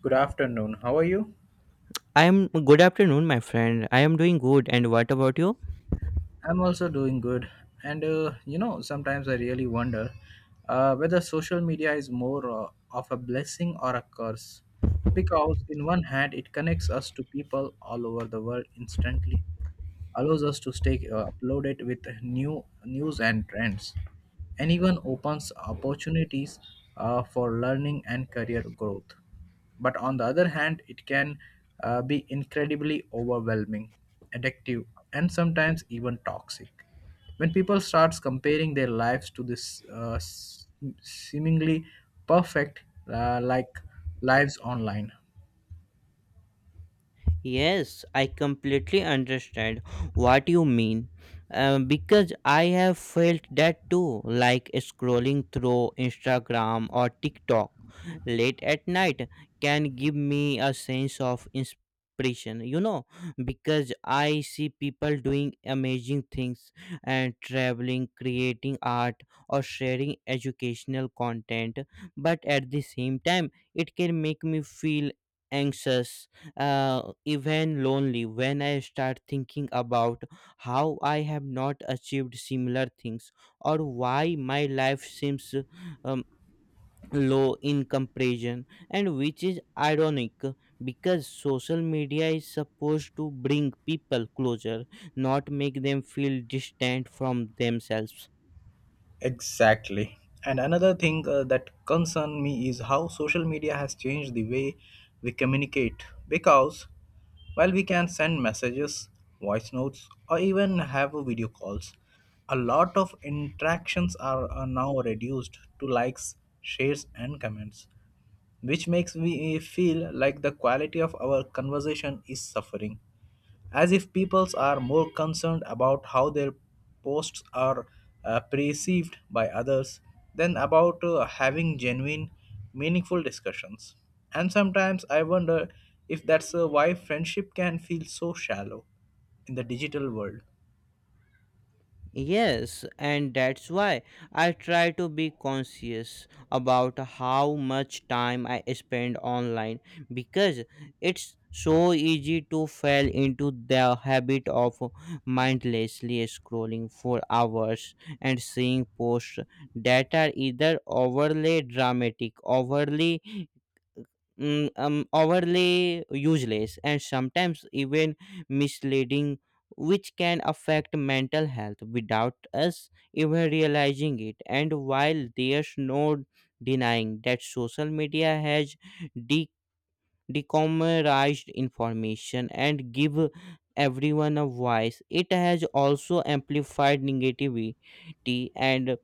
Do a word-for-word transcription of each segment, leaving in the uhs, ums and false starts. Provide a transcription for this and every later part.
Good afternoon. How are you? I am good afternoon, my friend. I am doing good. And what about you? I'm also doing good. And uh, you know, sometimes I really wonder uh, whether social media is more uh, of a blessing or a curse. Because, in one hand, it connects us to people all over the world instantly, allows us to stay uh, uploaded with new news and trends, and even opens opportunities uh, for learning and career growth. But on the other hand, it can uh, be incredibly overwhelming, addictive, and sometimes even toxic. When people starts comparing their lives to this uh, s- seemingly perfect uh, like lives online. Yes, I completely understand what you mean uh, because I have felt that too, like scrolling through Instagram or TikTok late at night can give me a sense of inspiration, you know, because I see people doing amazing things and traveling, creating art, or sharing educational content, but at the same time, it can make me feel anxious, uh, even lonely when I start thinking about how I have not achieved similar things or why my life seems um, low in comparison, and which is ironic because social media is supposed to bring people closer, not make them feel distant from themselves. Exactly. And another thing uh, that concern me is how social media has changed the way we communicate, because while we can send messages, voice notes or even have a video calls, a lot of interactions are, are now reduced to likes, shares and comments, which makes me feel like the quality of our conversation is suffering, as if peoples are more concerned about how their posts are uh, perceived by others than about uh, having genuine, meaningful discussions. And sometimes I wonder if that's uh, why friendship can feel so shallow in the digital world. Yes, and that's why I try to be conscious about how much time I spend online because it's so easy to fall into the habit of mindlessly scrolling for hours and seeing posts that are either overly dramatic, overly mm, um, overly useless, and sometimes even misleading, which can affect mental health without us even realizing it. And while there's no denying that social media has de- decommercized information and give everyone a voice, it has also amplified negativity and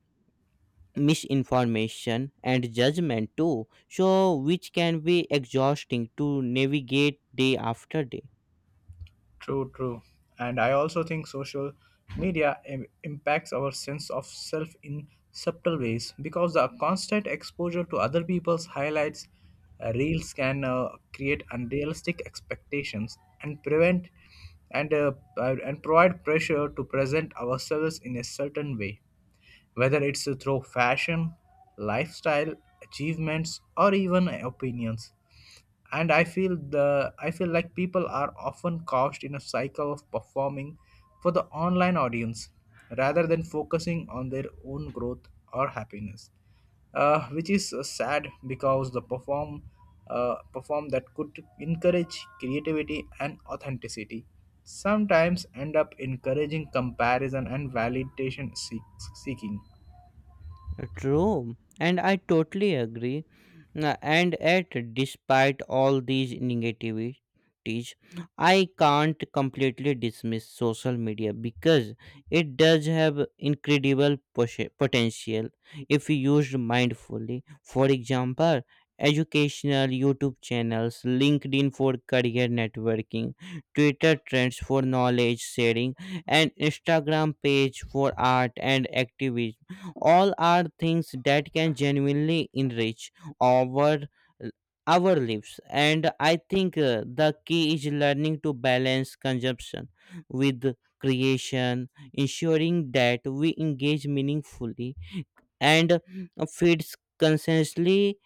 misinformation and judgment too, so which can be exhausting to navigate day after day. True, true. And I also think social media im- impacts our sense of self in subtle ways, because the constant exposure to other people's highlights, uh, reels can uh, create unrealistic expectations and prevent and uh, uh, and provide pressure to present ourselves in a certain way, whether it's through fashion, lifestyle, achievements, or even opinions. And i feel the i feel like people are often caught in a cycle of performing for the online audience rather than focusing on their own growth or happiness, uh, which is uh, sad, because the perform uh, perform that could encourage creativity and authenticity sometimes end up encouraging comparison and validation seek- seeking. True, and I totally agree. Uh, And yet, despite all these negativities, I can't completely dismiss social media because it does have incredible posh- potential if used mindfully. For example, educational YouTube channels, LinkedIn for career networking, Twitter trends for knowledge sharing, and Instagram page for art and activism all are things that can genuinely enrich our our lives. And I think uh, the key is learning to balance consumption with creation, ensuring that we engage meaningfully and uh, feeds consciously,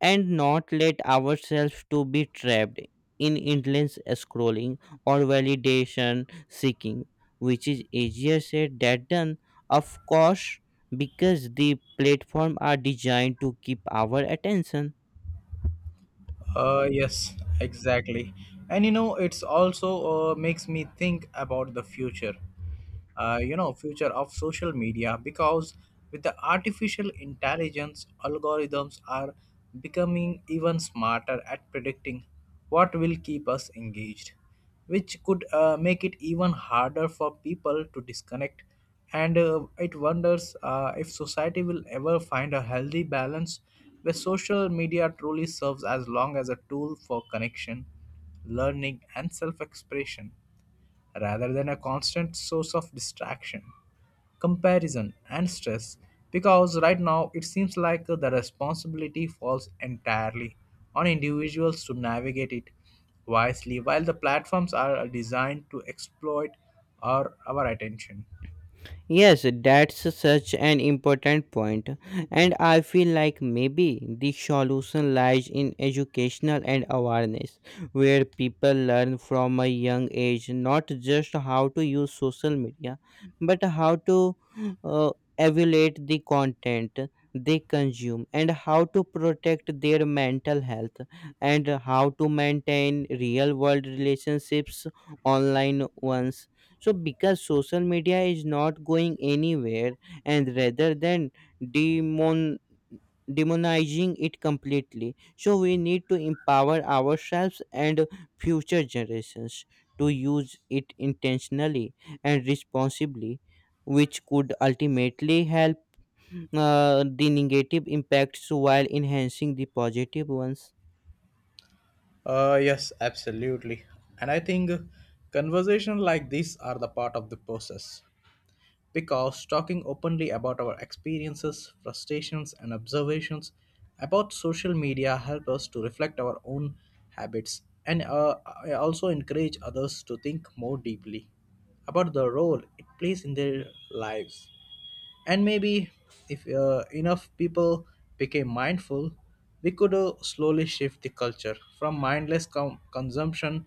and not let ourselves to be trapped in endless scrolling or validation seeking, which is easier said than done, of course, because the platform are designed to keep our attention. Uh, yes, exactly. And you know, it's also uh, makes me think about the future, uh, you know future of social media, because with the artificial intelligence algorithms are becoming even smarter at predicting what will keep us engaged, which could uh, make it even harder for people to disconnect. And uh, it wonders uh, if society will ever find a healthy balance where social media truly serves as long as a tool for connection, learning and self-expression, rather than a constant source of distraction, comparison, and stress. Because right now it seems like the responsibility falls entirely on individuals to navigate it wisely, while the platforms are designed to exploit our, our attention. Yes, that's such an important point, and I feel like maybe the solution lies in educational and awareness, where people learn from a young age not just how to use social media, but how to uh, evaluate the content they consume, and how to protect their mental health, and how to maintain real world relationships online ones. So because social media is not going anywhere, and rather than demon demonizing it completely, so we need to empower ourselves and future generations to use it intentionally and responsibly, which could ultimately help uh, the negative impacts while enhancing the positive ones. Uh, yes, absolutely. And I think conversations like this are the part of the process, because talking openly about our experiences, frustrations, and observations about social media help us to reflect our own habits, and uh, also encourage others to think more deeply about the role it plays in their lives. And maybe if uh, enough people became mindful, we could uh, slowly shift the culture from mindless com- consumption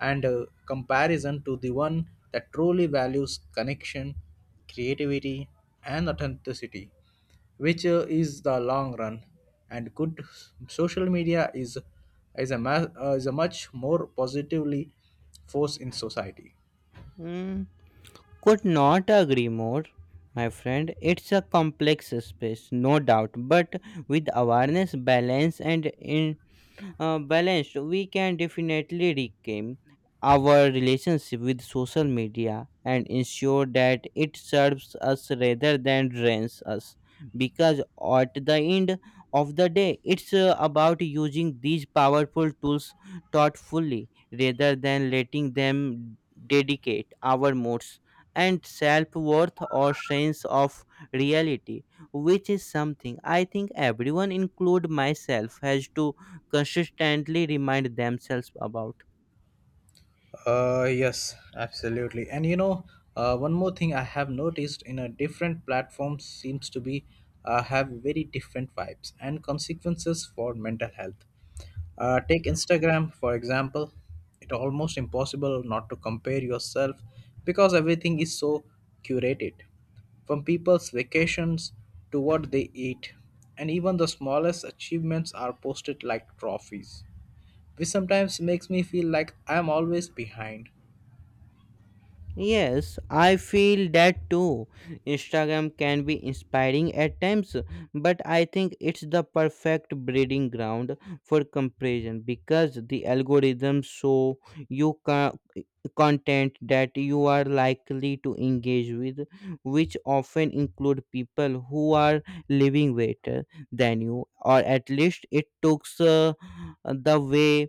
and uh, comparison to the one that truly values connection, creativity, and authenticity, which uh, is the long run. And good social media is is a ma- uh, is a much more positively force in society. Hmm. Could not agree more, my friend. It's a complex space, no doubt, but with awareness, balance, and uh, balanced, we can definitely reclaim our relationship with social media and ensure that it serves us rather than drains us. Because at the end of the day, it's uh, about using these powerful tools thoughtfully rather than letting them dedicate our moods and self worth or sense of reality, which is something I think everyone, include myself, has to consistently remind themselves about. Uh, yes, absolutely. And you know, uh, one more thing I have noticed in a different platform seems to be uh, have very different vibes and consequences for mental health. Uh, take Instagram for example. It's almost impossible not to compare yourself, because everything is so curated, from people's vacations to what they eat, and even the smallest achievements are posted like trophies, which sometimes makes me feel like I'm always behind. Yes, I feel that too. Instagram can be inspiring at times, but I think it's the perfect breeding ground for comparison because the algorithms show you co- content that you are likely to engage with, which often include people who are living better than you, or at least it takes uh, the way.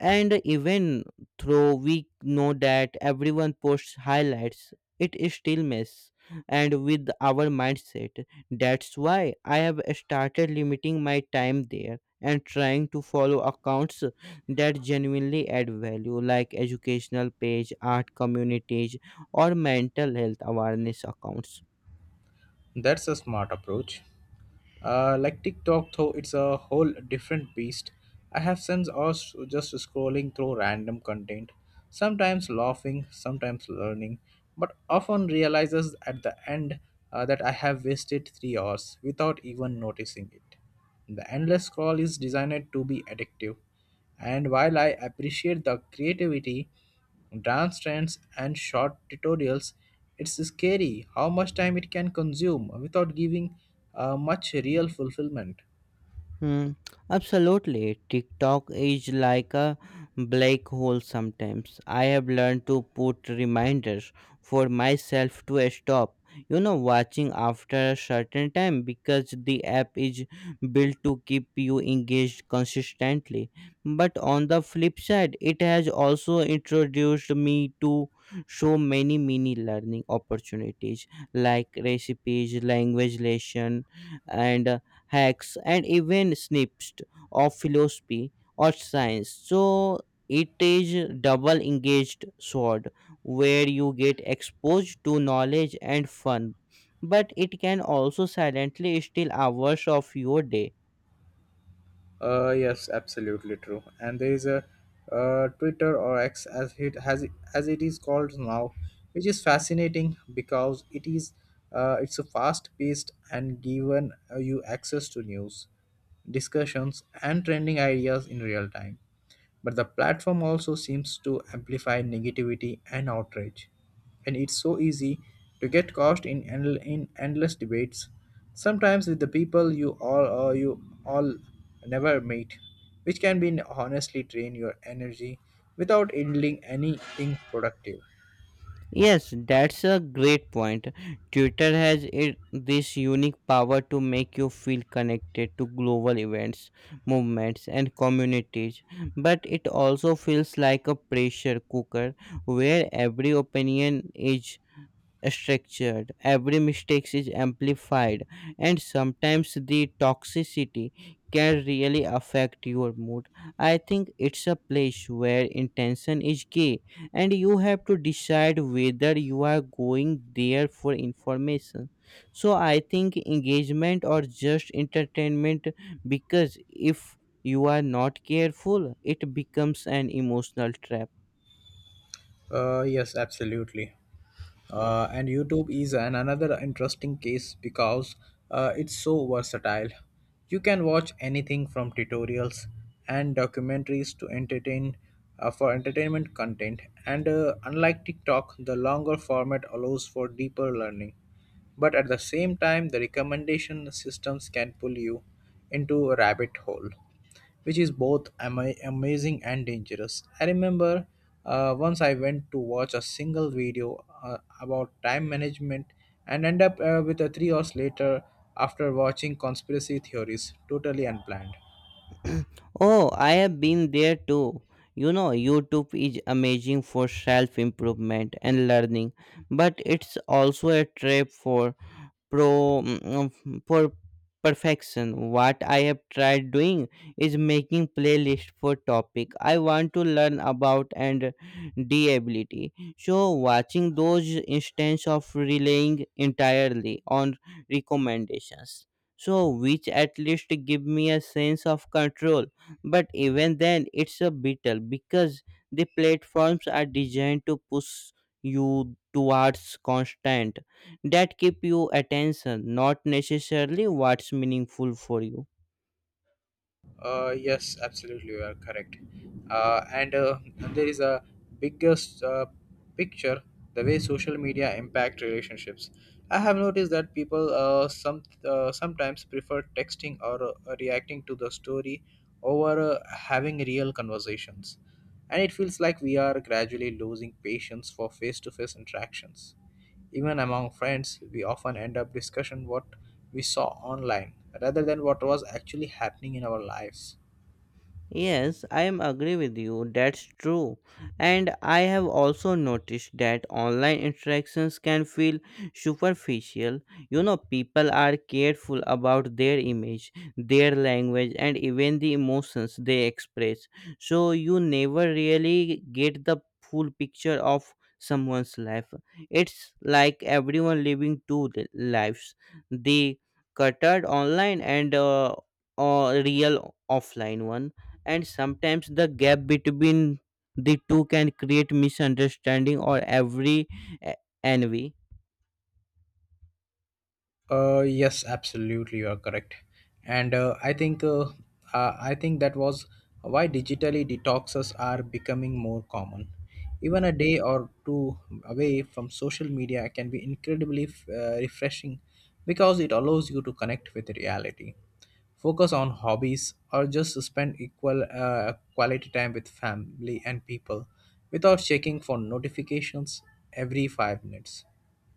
And even though we know that everyone posts highlights, it is still mess and with our mindset. That's why I have started limiting my time there and trying to follow accounts that genuinely add value, like educational page, art communities, or mental health awareness accounts. That's a smart approach. Uh, like TikTok, though, it's a whole different beast. I have since also just scrolling through random content, sometimes laughing, sometimes learning, but often realizes at the end uh, that I have wasted three hours without even noticing it. The endless scroll is designed to be addictive, and while I appreciate the creativity, dance trends, and short tutorials, it's scary how much time it can consume without giving uh, much real fulfillment. Hmm, absolutely. TikTok is like a black hole sometimes. I have learned to put reminders for myself to stop, you know, watching after a certain time because the app is built to keep you engaged consistently. But on the flip side, it has also introduced me to so many mini learning opportunities like recipes, language lesson, and hacks, and even snips of philosophy or science. So it is double engaged sword where you get exposed to knowledge and fun, but it can also silently steal hours of your day. Uh, yes, absolutely true. And there is a uh, Twitter, or X as it has as it is called now, which is fascinating because it is uh, it's a fast-paced, and given uh, you access to news, discussions, and trending ideas in real time. But the platform also seems to amplify negativity and outrage. And it's so easy to get caught in, endl- in endless debates, sometimes with the people you all or you all never meet, which can be honestly drain your energy without yielding anything productive. Yes, that's a great point. Twitter has it, this unique power to make you feel connected to global events, movements, and communities, but it also feels like a pressure cooker where every opinion is structured, every mistake is amplified, and sometimes the toxicity can really affect your mood. I think it's a place where intention is key, and you have to decide whether you are going there for information, so I think engagement or just entertainment, because if you are not careful it becomes an emotional trap. Uh, yes, absolutely. Uh, and YouTube is an another interesting case, because uh, it's so versatile. You can watch anything from tutorials and documentaries to entertain uh, for entertainment content. And uh, unlike TikTok, the longer format allows for deeper learning. But at the same time, the recommendation systems can pull you into a rabbit hole, which is both ama- amazing and dangerous. I remember uh, once I went to watch a single video uh, about time management, and end up uh, with a three hours later, after watching conspiracy theories totally unplanned. Oh, I have been there too. You know, YouTube is amazing for self improvement and learning, but it's also a trap for pro mm, mm, for perfection. What I have tried doing is making playlist for topic I want to learn about and d ability, so watching those instance of relying entirely on recommendations, so which at least give me a sense of control. But even then it's a battle because the platforms are designed to push you towards constant that keep you attention, not necessarily what's meaningful for you. Uh, yes, absolutely, you are correct. Uh, and uh, There is a biggest uh, picture, the way social media impact relationships. I have noticed that people uh, some uh, sometimes prefer texting or uh, reacting to the story over uh, having real conversations, and it feels like we are gradually losing patience for face-to-face interactions. Even among friends, we often end up discussing what we saw online rather than what was actually happening in our lives. Yes, I am agree with you. That's true. And I have also noticed that online interactions can feel superficial. You know, people are careful about their image, their language, and even the emotions they express. So you never really get the full picture of someone's life. It's like everyone living two li- lives. The cluttered online and uh, uh, real offline one, and sometimes the gap between the two can create misunderstanding or every eh, envy. Uh, yes, absolutely, you are correct. And uh, I think uh, uh, I think that was why digitally detoxes are becoming more common. Even a day or two away from social media can be incredibly uh, refreshing, because it allows you to connect with reality, focus on hobbies, or just spend equal uh, quality time with family and people without checking for notifications every five minutes.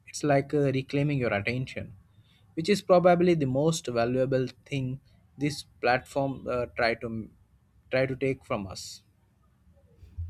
It's like uh, reclaiming your attention, which is probably the most valuable thing this platform uh, try to try to take from us.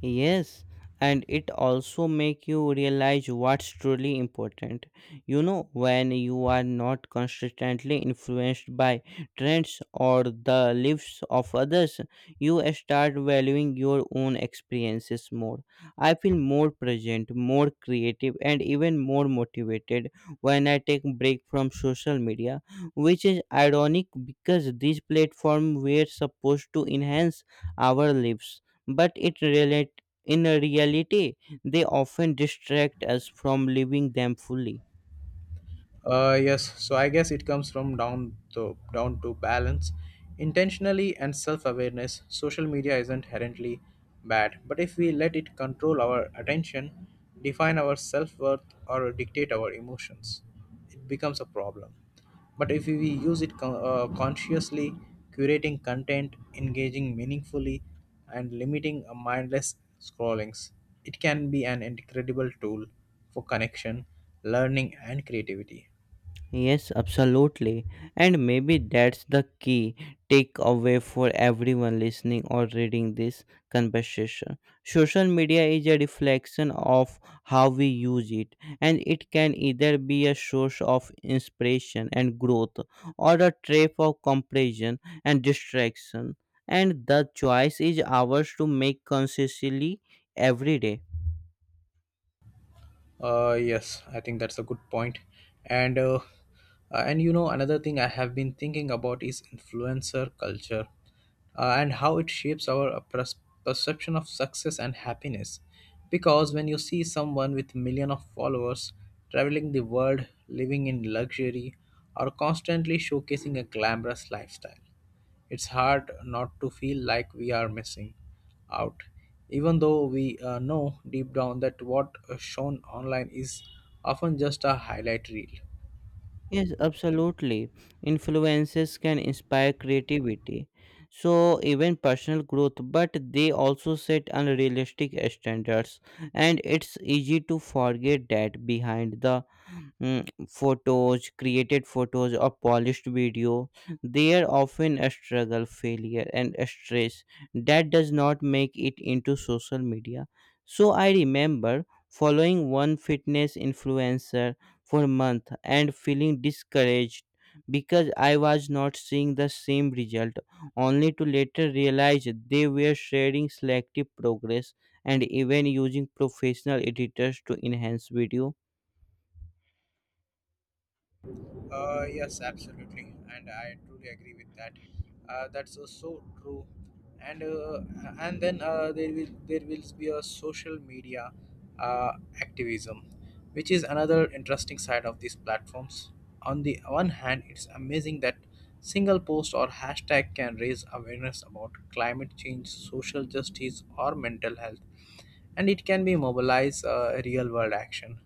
Yes, and it also make you realize what's truly important. You know, when you are not constantly influenced by trends or the lives of others, you start valuing your own experiences more. I feel more present, more creative, and even more motivated when I take break from social media, which is ironic because these platforms were supposed to enhance our lives, but it relate in reality they often distract us from living them fully. Uh, yes, so I guess it comes from down to down to balance, intentionally and self-awareness. Social media isn't inherently bad, but if we let it control our attention, define our self-worth, or dictate our emotions, it becomes a problem. But if we use it con- uh, consciously, curating content, engaging meaningfully, and limiting a mindless scrollings, it can be an incredible tool for connection, learning, and creativity. Yes, absolutely. And maybe that's the key takeaway for everyone listening or reading this conversation. Social media is a reflection of how we use it, and it can either be a source of inspiration and growth or a trap of comparison and distraction. And the choice is ours to make consciously every day. Uh, yes, I think that's a good point. And uh, uh, and you know, another thing I have been thinking about is influencer culture, uh, and how it shapes our uh, pers- perception of success and happiness. Because when you see someone with million of followers traveling the world, living in luxury, or constantly showcasing a glamorous lifestyle, it's hard not to feel like we are missing out, even though we uh, know deep down that what uh, shown online is often just a highlight reel. Yes, absolutely. Influences can inspire creativity, so even personal growth, but they also set unrealistic standards, and it's easy to forget that behind the mm, photos, created photos, or polished video, there often a struggle, failure, and a stress that does not make it into social media. So I remember following one fitness influencer for months and feeling discouraged because I was not seeing the same result, only to later realize they were sharing selective progress and even using professional editors to enhance video. Uh, yes, absolutely, and I truly agree with that. Uh, that's uh, so true. And uh, and then uh, there will there will be a social media uh, activism, which is another interesting side of these platforms. On the one hand, it's amazing that single post or hashtag can raise awareness about climate change, social justice, or mental health, and it can be mobilize uh, real world action.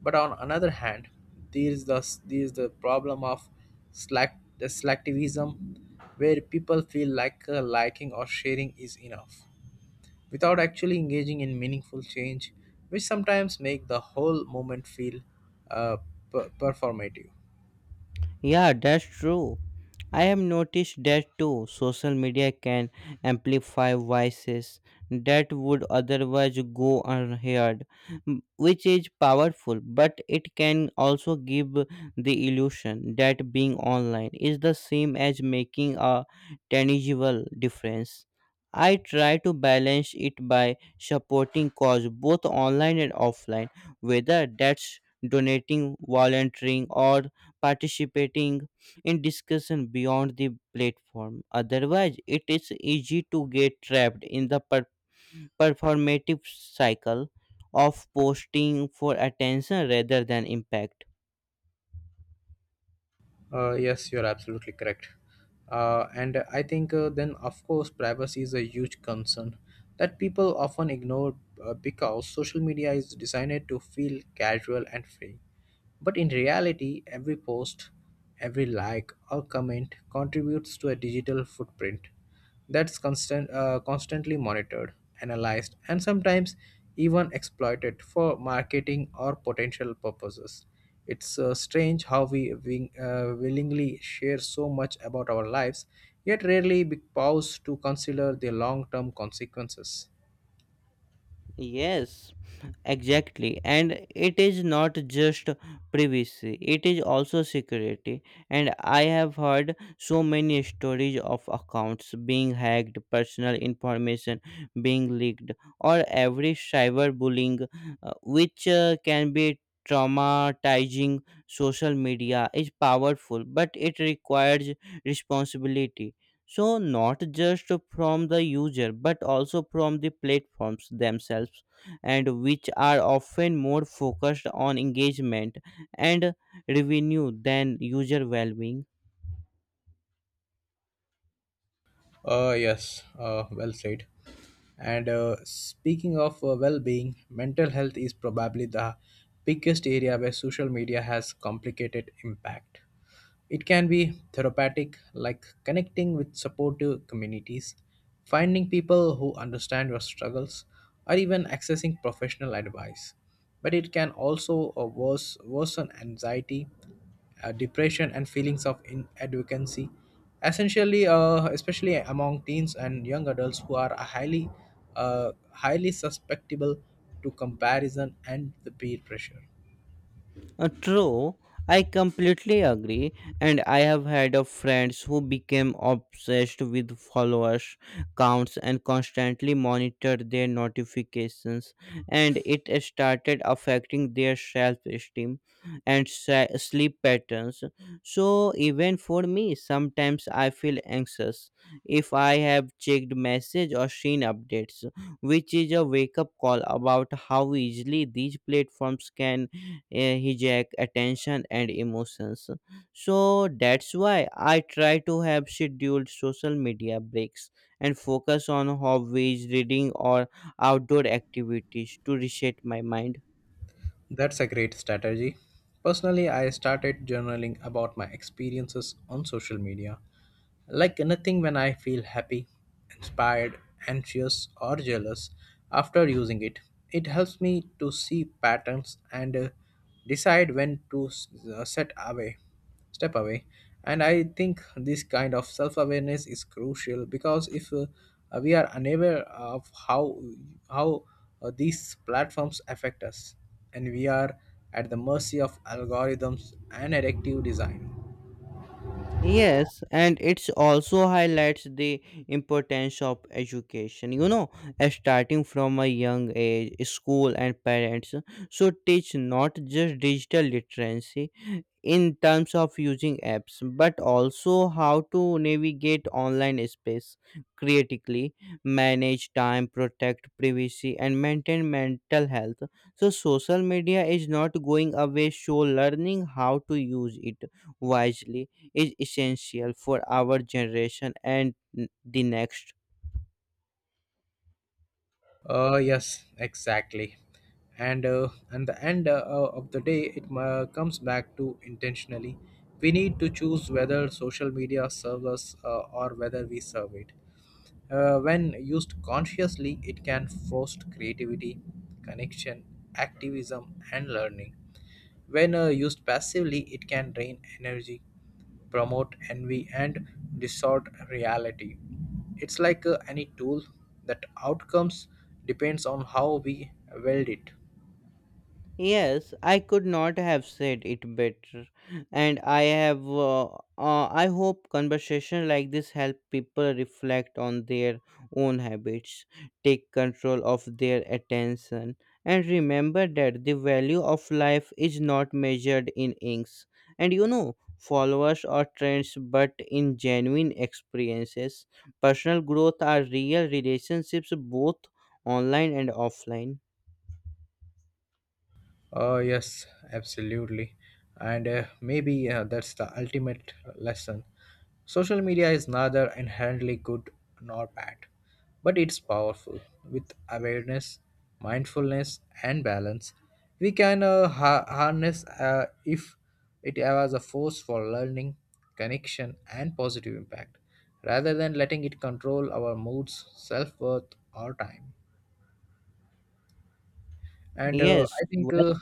But on another hand, there is the there is the problem of slack the selectivism, where people feel like uh, liking or sharing is enough, without actually engaging in meaningful change, which sometimes make the whole moment feel uh, per- performative. Yeah, that's true. I have noticed that too. Social media can amplify voices that would otherwise go unheard, m- which is powerful, but it can also give the illusion that being online is the same as making a tangible difference. I try to balance it by supporting cause both online and offline, whether that's donating, volunteering, or participating in discussion beyond the platform. Otherwise, it is easy to get trapped in the per- performative cycle of posting for attention rather than impact. Uh, yes, you're absolutely correct. Uh, and I think uh, Then, of course, privacy is a huge concern that people often ignore, uh, because social media is designed to feel casual and free. But in reality, every post, every like or comment contributes to a digital footprint that's constant, uh, constantly monitored, analyzed, and sometimes even exploited for marketing or potential purposes. It's uh, strange how we wing, uh, willingly share so much about our lives, yet rarely be- pause to consider the long term consequences. Yes, exactly. And it is not just privacy, it is also security. And I have heard so many stories of accounts being hacked, personal information being leaked, or every cyberbullying, uh, which uh, can be traumatizing. Social media is powerful, but it requires responsibility, so not just from the user but also from the platforms themselves, and which are often more focused on engagement and revenue than user well-being. Uh, yes, uh, well said. And uh, speaking of uh, well being, mental health is probably the biggest area where social media has complicated impact. It can be therapeutic, like connecting with supportive communities, finding people who understand your struggles, or even accessing professional advice. But it can also uh, worse, worsen anxiety, uh, depression, and feelings of inadequacy, essentially, uh, especially among teens and young adults who are highly, uh, highly susceptible to comparison and the peer pressure. Uh, true, I completely agree, and I have had of friends who became obsessed with followers counts and constantly monitored their notifications, and it started affecting their self-esteem and se- sleep patterns. So even for me, sometimes I feel anxious if I have checked message or seen updates, which is a wake-up call about how easily these platforms can uh, hijack attention and emotions. So that's why I try to have scheduled social media breaks and focus on hobbies, reading, or outdoor activities to reset my mind. That's a great strategy. Personally, I started journaling about my experiences on social media. Like nothing when I feel happy, inspired, anxious, or jealous after using it. It helps me to see patterns and uh, decide when to s- uh, set away step away. And I think this kind of self awareness is crucial because if uh, we are unaware of how how uh, these platforms affect us, and we are at the mercy of algorithms and addictive design. Yes, and it's also highlights the importance of education. You know, uh, starting from a young age, school and parents should teach not just digital literacy in terms of using apps, but also how to navigate online space critically, manage time, protect privacy, and maintain mental health. So, social media is not going away, so learning how to use it wisely is essential for our generation and n- the next. Uh, yes, exactly. And uh, and the end uh, of the day, it uh, comes back to intentionally. We need to choose whether social media serves us, uh, or whether we serve it. Uh, when used consciously, it can foster creativity, connection, activism, and learning. When uh, used passively, it can drain energy, promote envy, and distort reality. It's like uh, any tool that outcomes depends on how we wield it. Yes, I could not have said it better, and I have. Uh, uh, I hope conversation like this help people reflect on their own habits, take control of their attention, and remember that the value of life is not measured in inks, and you know followers or trends, but in genuine experiences. Personal growth are real relationships, both online and offline. Oh, yes, absolutely. And uh, maybe uh, that's the ultimate lesson. Social media is neither inherently good nor bad, but it's powerful. With awareness, mindfulness, and balance, we can uh, ha- harness uh, if it was a force for learning, connection, and positive impact, rather than letting it control our moods, self worth, or time. And uh, Yes, I think well. uh,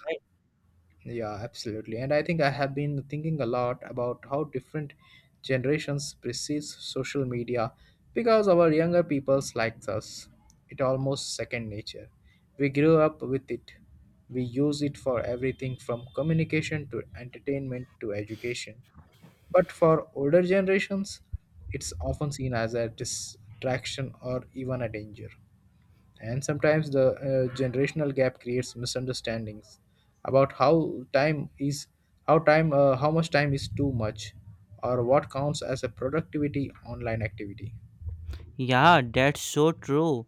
Yeah, absolutely. And I think I have been thinking a lot about how different generations perceive social media because our younger peoples like us. It almost second nature. We grew up with it. We use it for everything from communication to entertainment to education. But for older generations, it's often seen as a distraction or even a danger, and sometimes the uh, generational gap creates misunderstandings about how time is how time uh, how much time is too much, or what counts as a productivity online activity. Yeah, that's so true.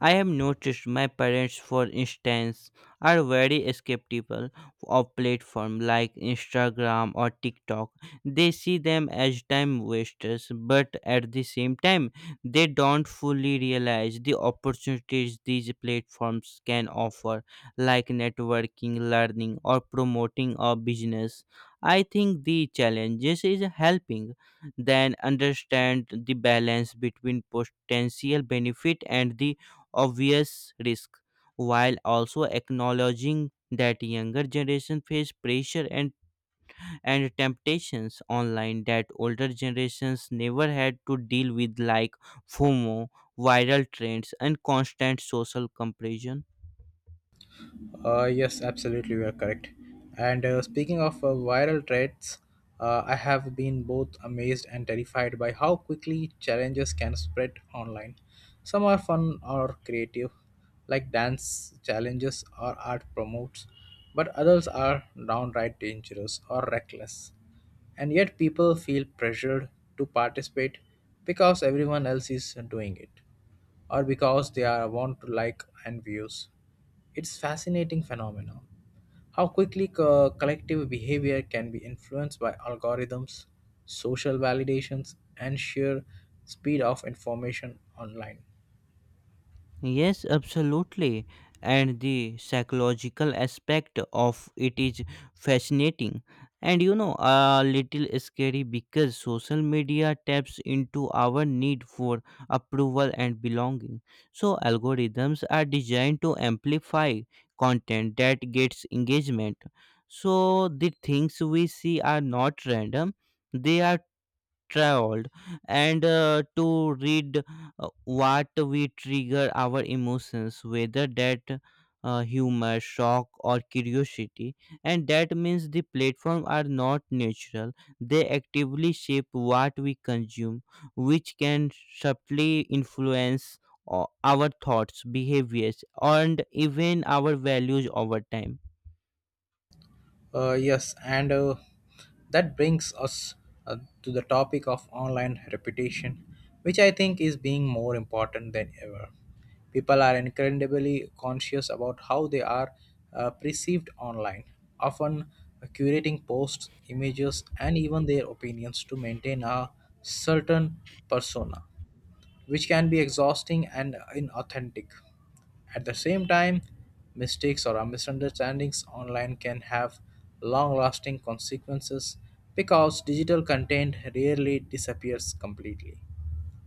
I have noticed my parents, for instance, are very skeptical of platforms like Instagram or TikTok. They see them as time wasters, but at the same time, they don't fully realize the opportunities these platforms can offer, like networking, learning, or promoting a business. I think the challenges is helping then understand the balance between potential benefit and the obvious risk, while also acknowledging that younger generation face pressure and and temptations online that older generations never had to deal with, like fomo, viral trends, and constant social comparison. Uh, yes, absolutely, you are correct. And uh, speaking of uh, viral threats, uh, I have been both amazed and terrified by how quickly challenges can spread online. Some are fun or creative, like dance challenges or art promotes, but others are downright dangerous or reckless. And yet, people feel pressured to participate because everyone else is doing it, or because they are want to like and views. It's fascinating phenomenon how quickly co- collective behavior can be influenced by algorithms, social validations, and sheer speed of information online. Yes, absolutely. And the psychological aspect of it is fascinating, and you know a little scary because social media taps into our need for approval and belonging. So, algorithms are designed to amplify content that gets engagement. So, the things we see are not random, they are traveled and uh, to read uh, what we trigger our emotions, whether that uh, humor, shock, or curiosity. And that means the platform are not natural, they actively shape what we consume, which can subtly influence o- our thoughts, behaviors, and even our values over time. Uh, yes, and uh, that brings us uh, to the topic of online reputation, which I think is being more important than ever. People are incredibly conscious about how they are uh, perceived online, often uh, curating posts, images, and even their opinions to maintain a certain persona, which can be exhausting and inauthentic. At the same time, mistakes or misunderstandings online can have long lasting consequences because digital content rarely disappears completely,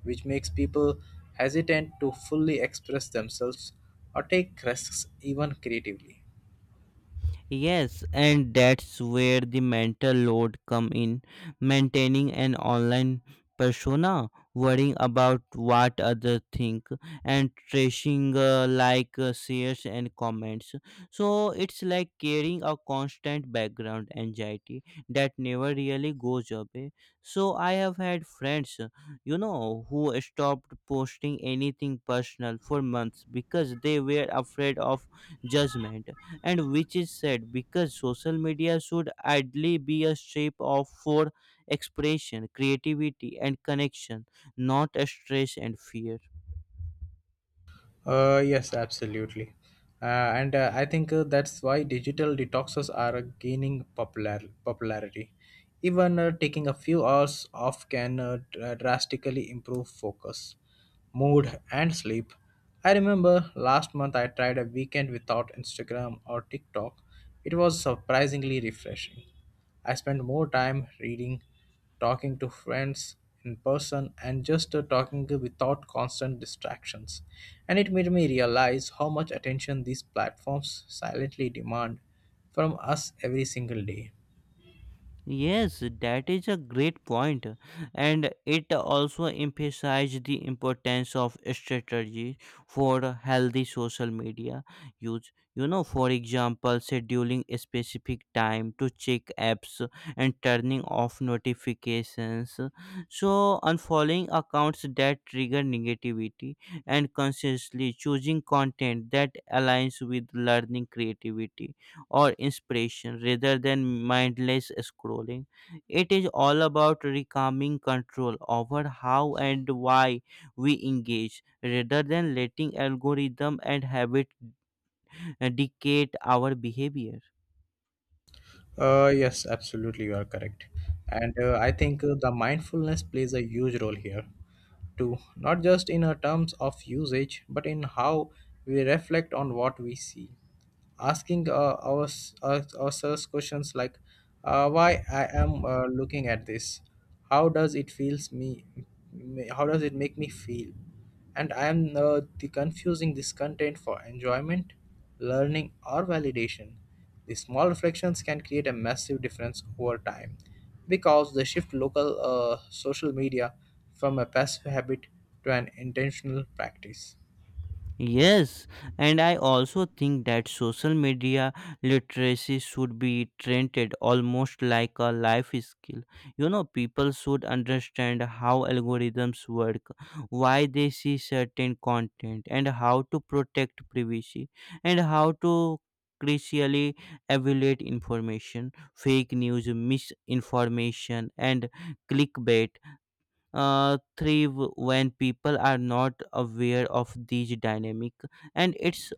which makes people hesitant to fully express themselves or take risks even creatively. Yes, and that's where the mental load come in. Maintaining an online persona, worrying about what others think, and trashing uh, like uh, shares and comments. So it's like carrying a constant background anxiety that never really goes away. So I have had friends, uh, you know, who stopped posting anything personal for months because they were afraid of judgment, and which is sad because social media should ideally be a shape of for expression, creativity, and connection, not a stress and fear. Uh, yes, absolutely. Uh, and uh, I think uh, that's why digital detoxes are gaining popular popularity. Even uh, taking a few hours off can uh, dr- drastically improve focus, mood, and sleep. I remember last month I tried a weekend without Instagram or TikTok. It was surprisingly refreshing. I spent more time reading, talking to friends in person, and just uh, talking without constant distractions. And it made me realize how much attention these platforms silently demand from us every single day. Yes, that is a great point, and it also emphasized the importance of strategy for healthy social media use. You know, for example, scheduling a specific time to check apps and turning off notifications. So, unfollowing accounts that trigger negativity and consciously choosing content that aligns with learning, creativity, or inspiration rather than mindless scrolling. It is all about reclaiming control over how and why we engage rather than letting algorithm and habit uh, dictate our behavior. Uh, yes, absolutely, you are correct. And uh, I think uh, the mindfulness plays a huge role here too, not just in uh, terms of usage, but in how we reflect on what we see. Asking uh, ours, our, uh, ourselves questions like uh, why I am uh, looking at this, how does it feels me me- how does it make me feel, and I am uh, the confusing this content for enjoyment, learning, or validation. These small reflections can create a massive difference over time because they shift local uh, social media from a passive habit to an intentional practice. Yes, and I also think that social media literacy should be treated almost like a life skill. You know, people should understand how algorithms work, why they see certain content, and how to protect privacy, and how to crucially evaluate information, fake news, misinformation, and clickbait uh, thrive when people are not aware of these dynamic, and it's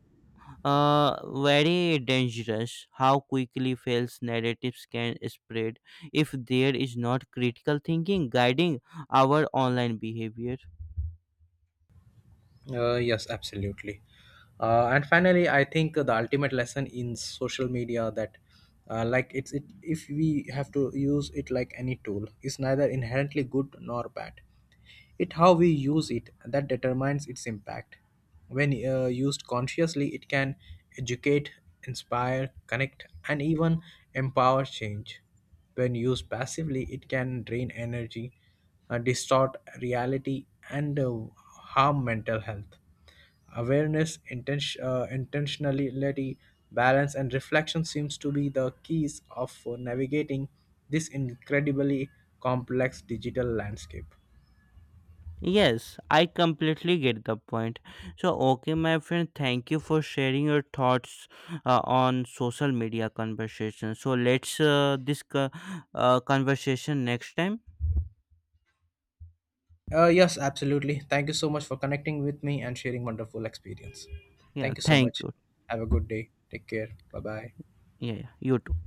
uh, very dangerous how quickly false narratives can spread if there is not critical thinking guiding our online behavior. Uh, yes, absolutely. Uh, and finally, I think the ultimate lesson in social media that, uh, like, it's it if we have to use it like any tool, is neither inherently good nor bad. It how we use it that determines its impact. When uh, used consciously, it can educate, inspire, connect, and even empower change. When used passively, it can drain energy, uh, distort reality, and uh, harm mental health. Awareness, intention, uh, intentionality, balance, and reflection seems to be the keys of uh, navigating this incredibly complex digital landscape. Yes, I completely get the point. So okay, my friend, thank you for sharing your thoughts uh, on social media conversation. So let's uh, this co- uh, conversation next time. Uh, yes, absolutely. Thank you so much for connecting with me and sharing wonderful experience. Yeah, Thank you so thank much. you. Have a good day. Take care. Bye bye. Yeah, yeah. You too.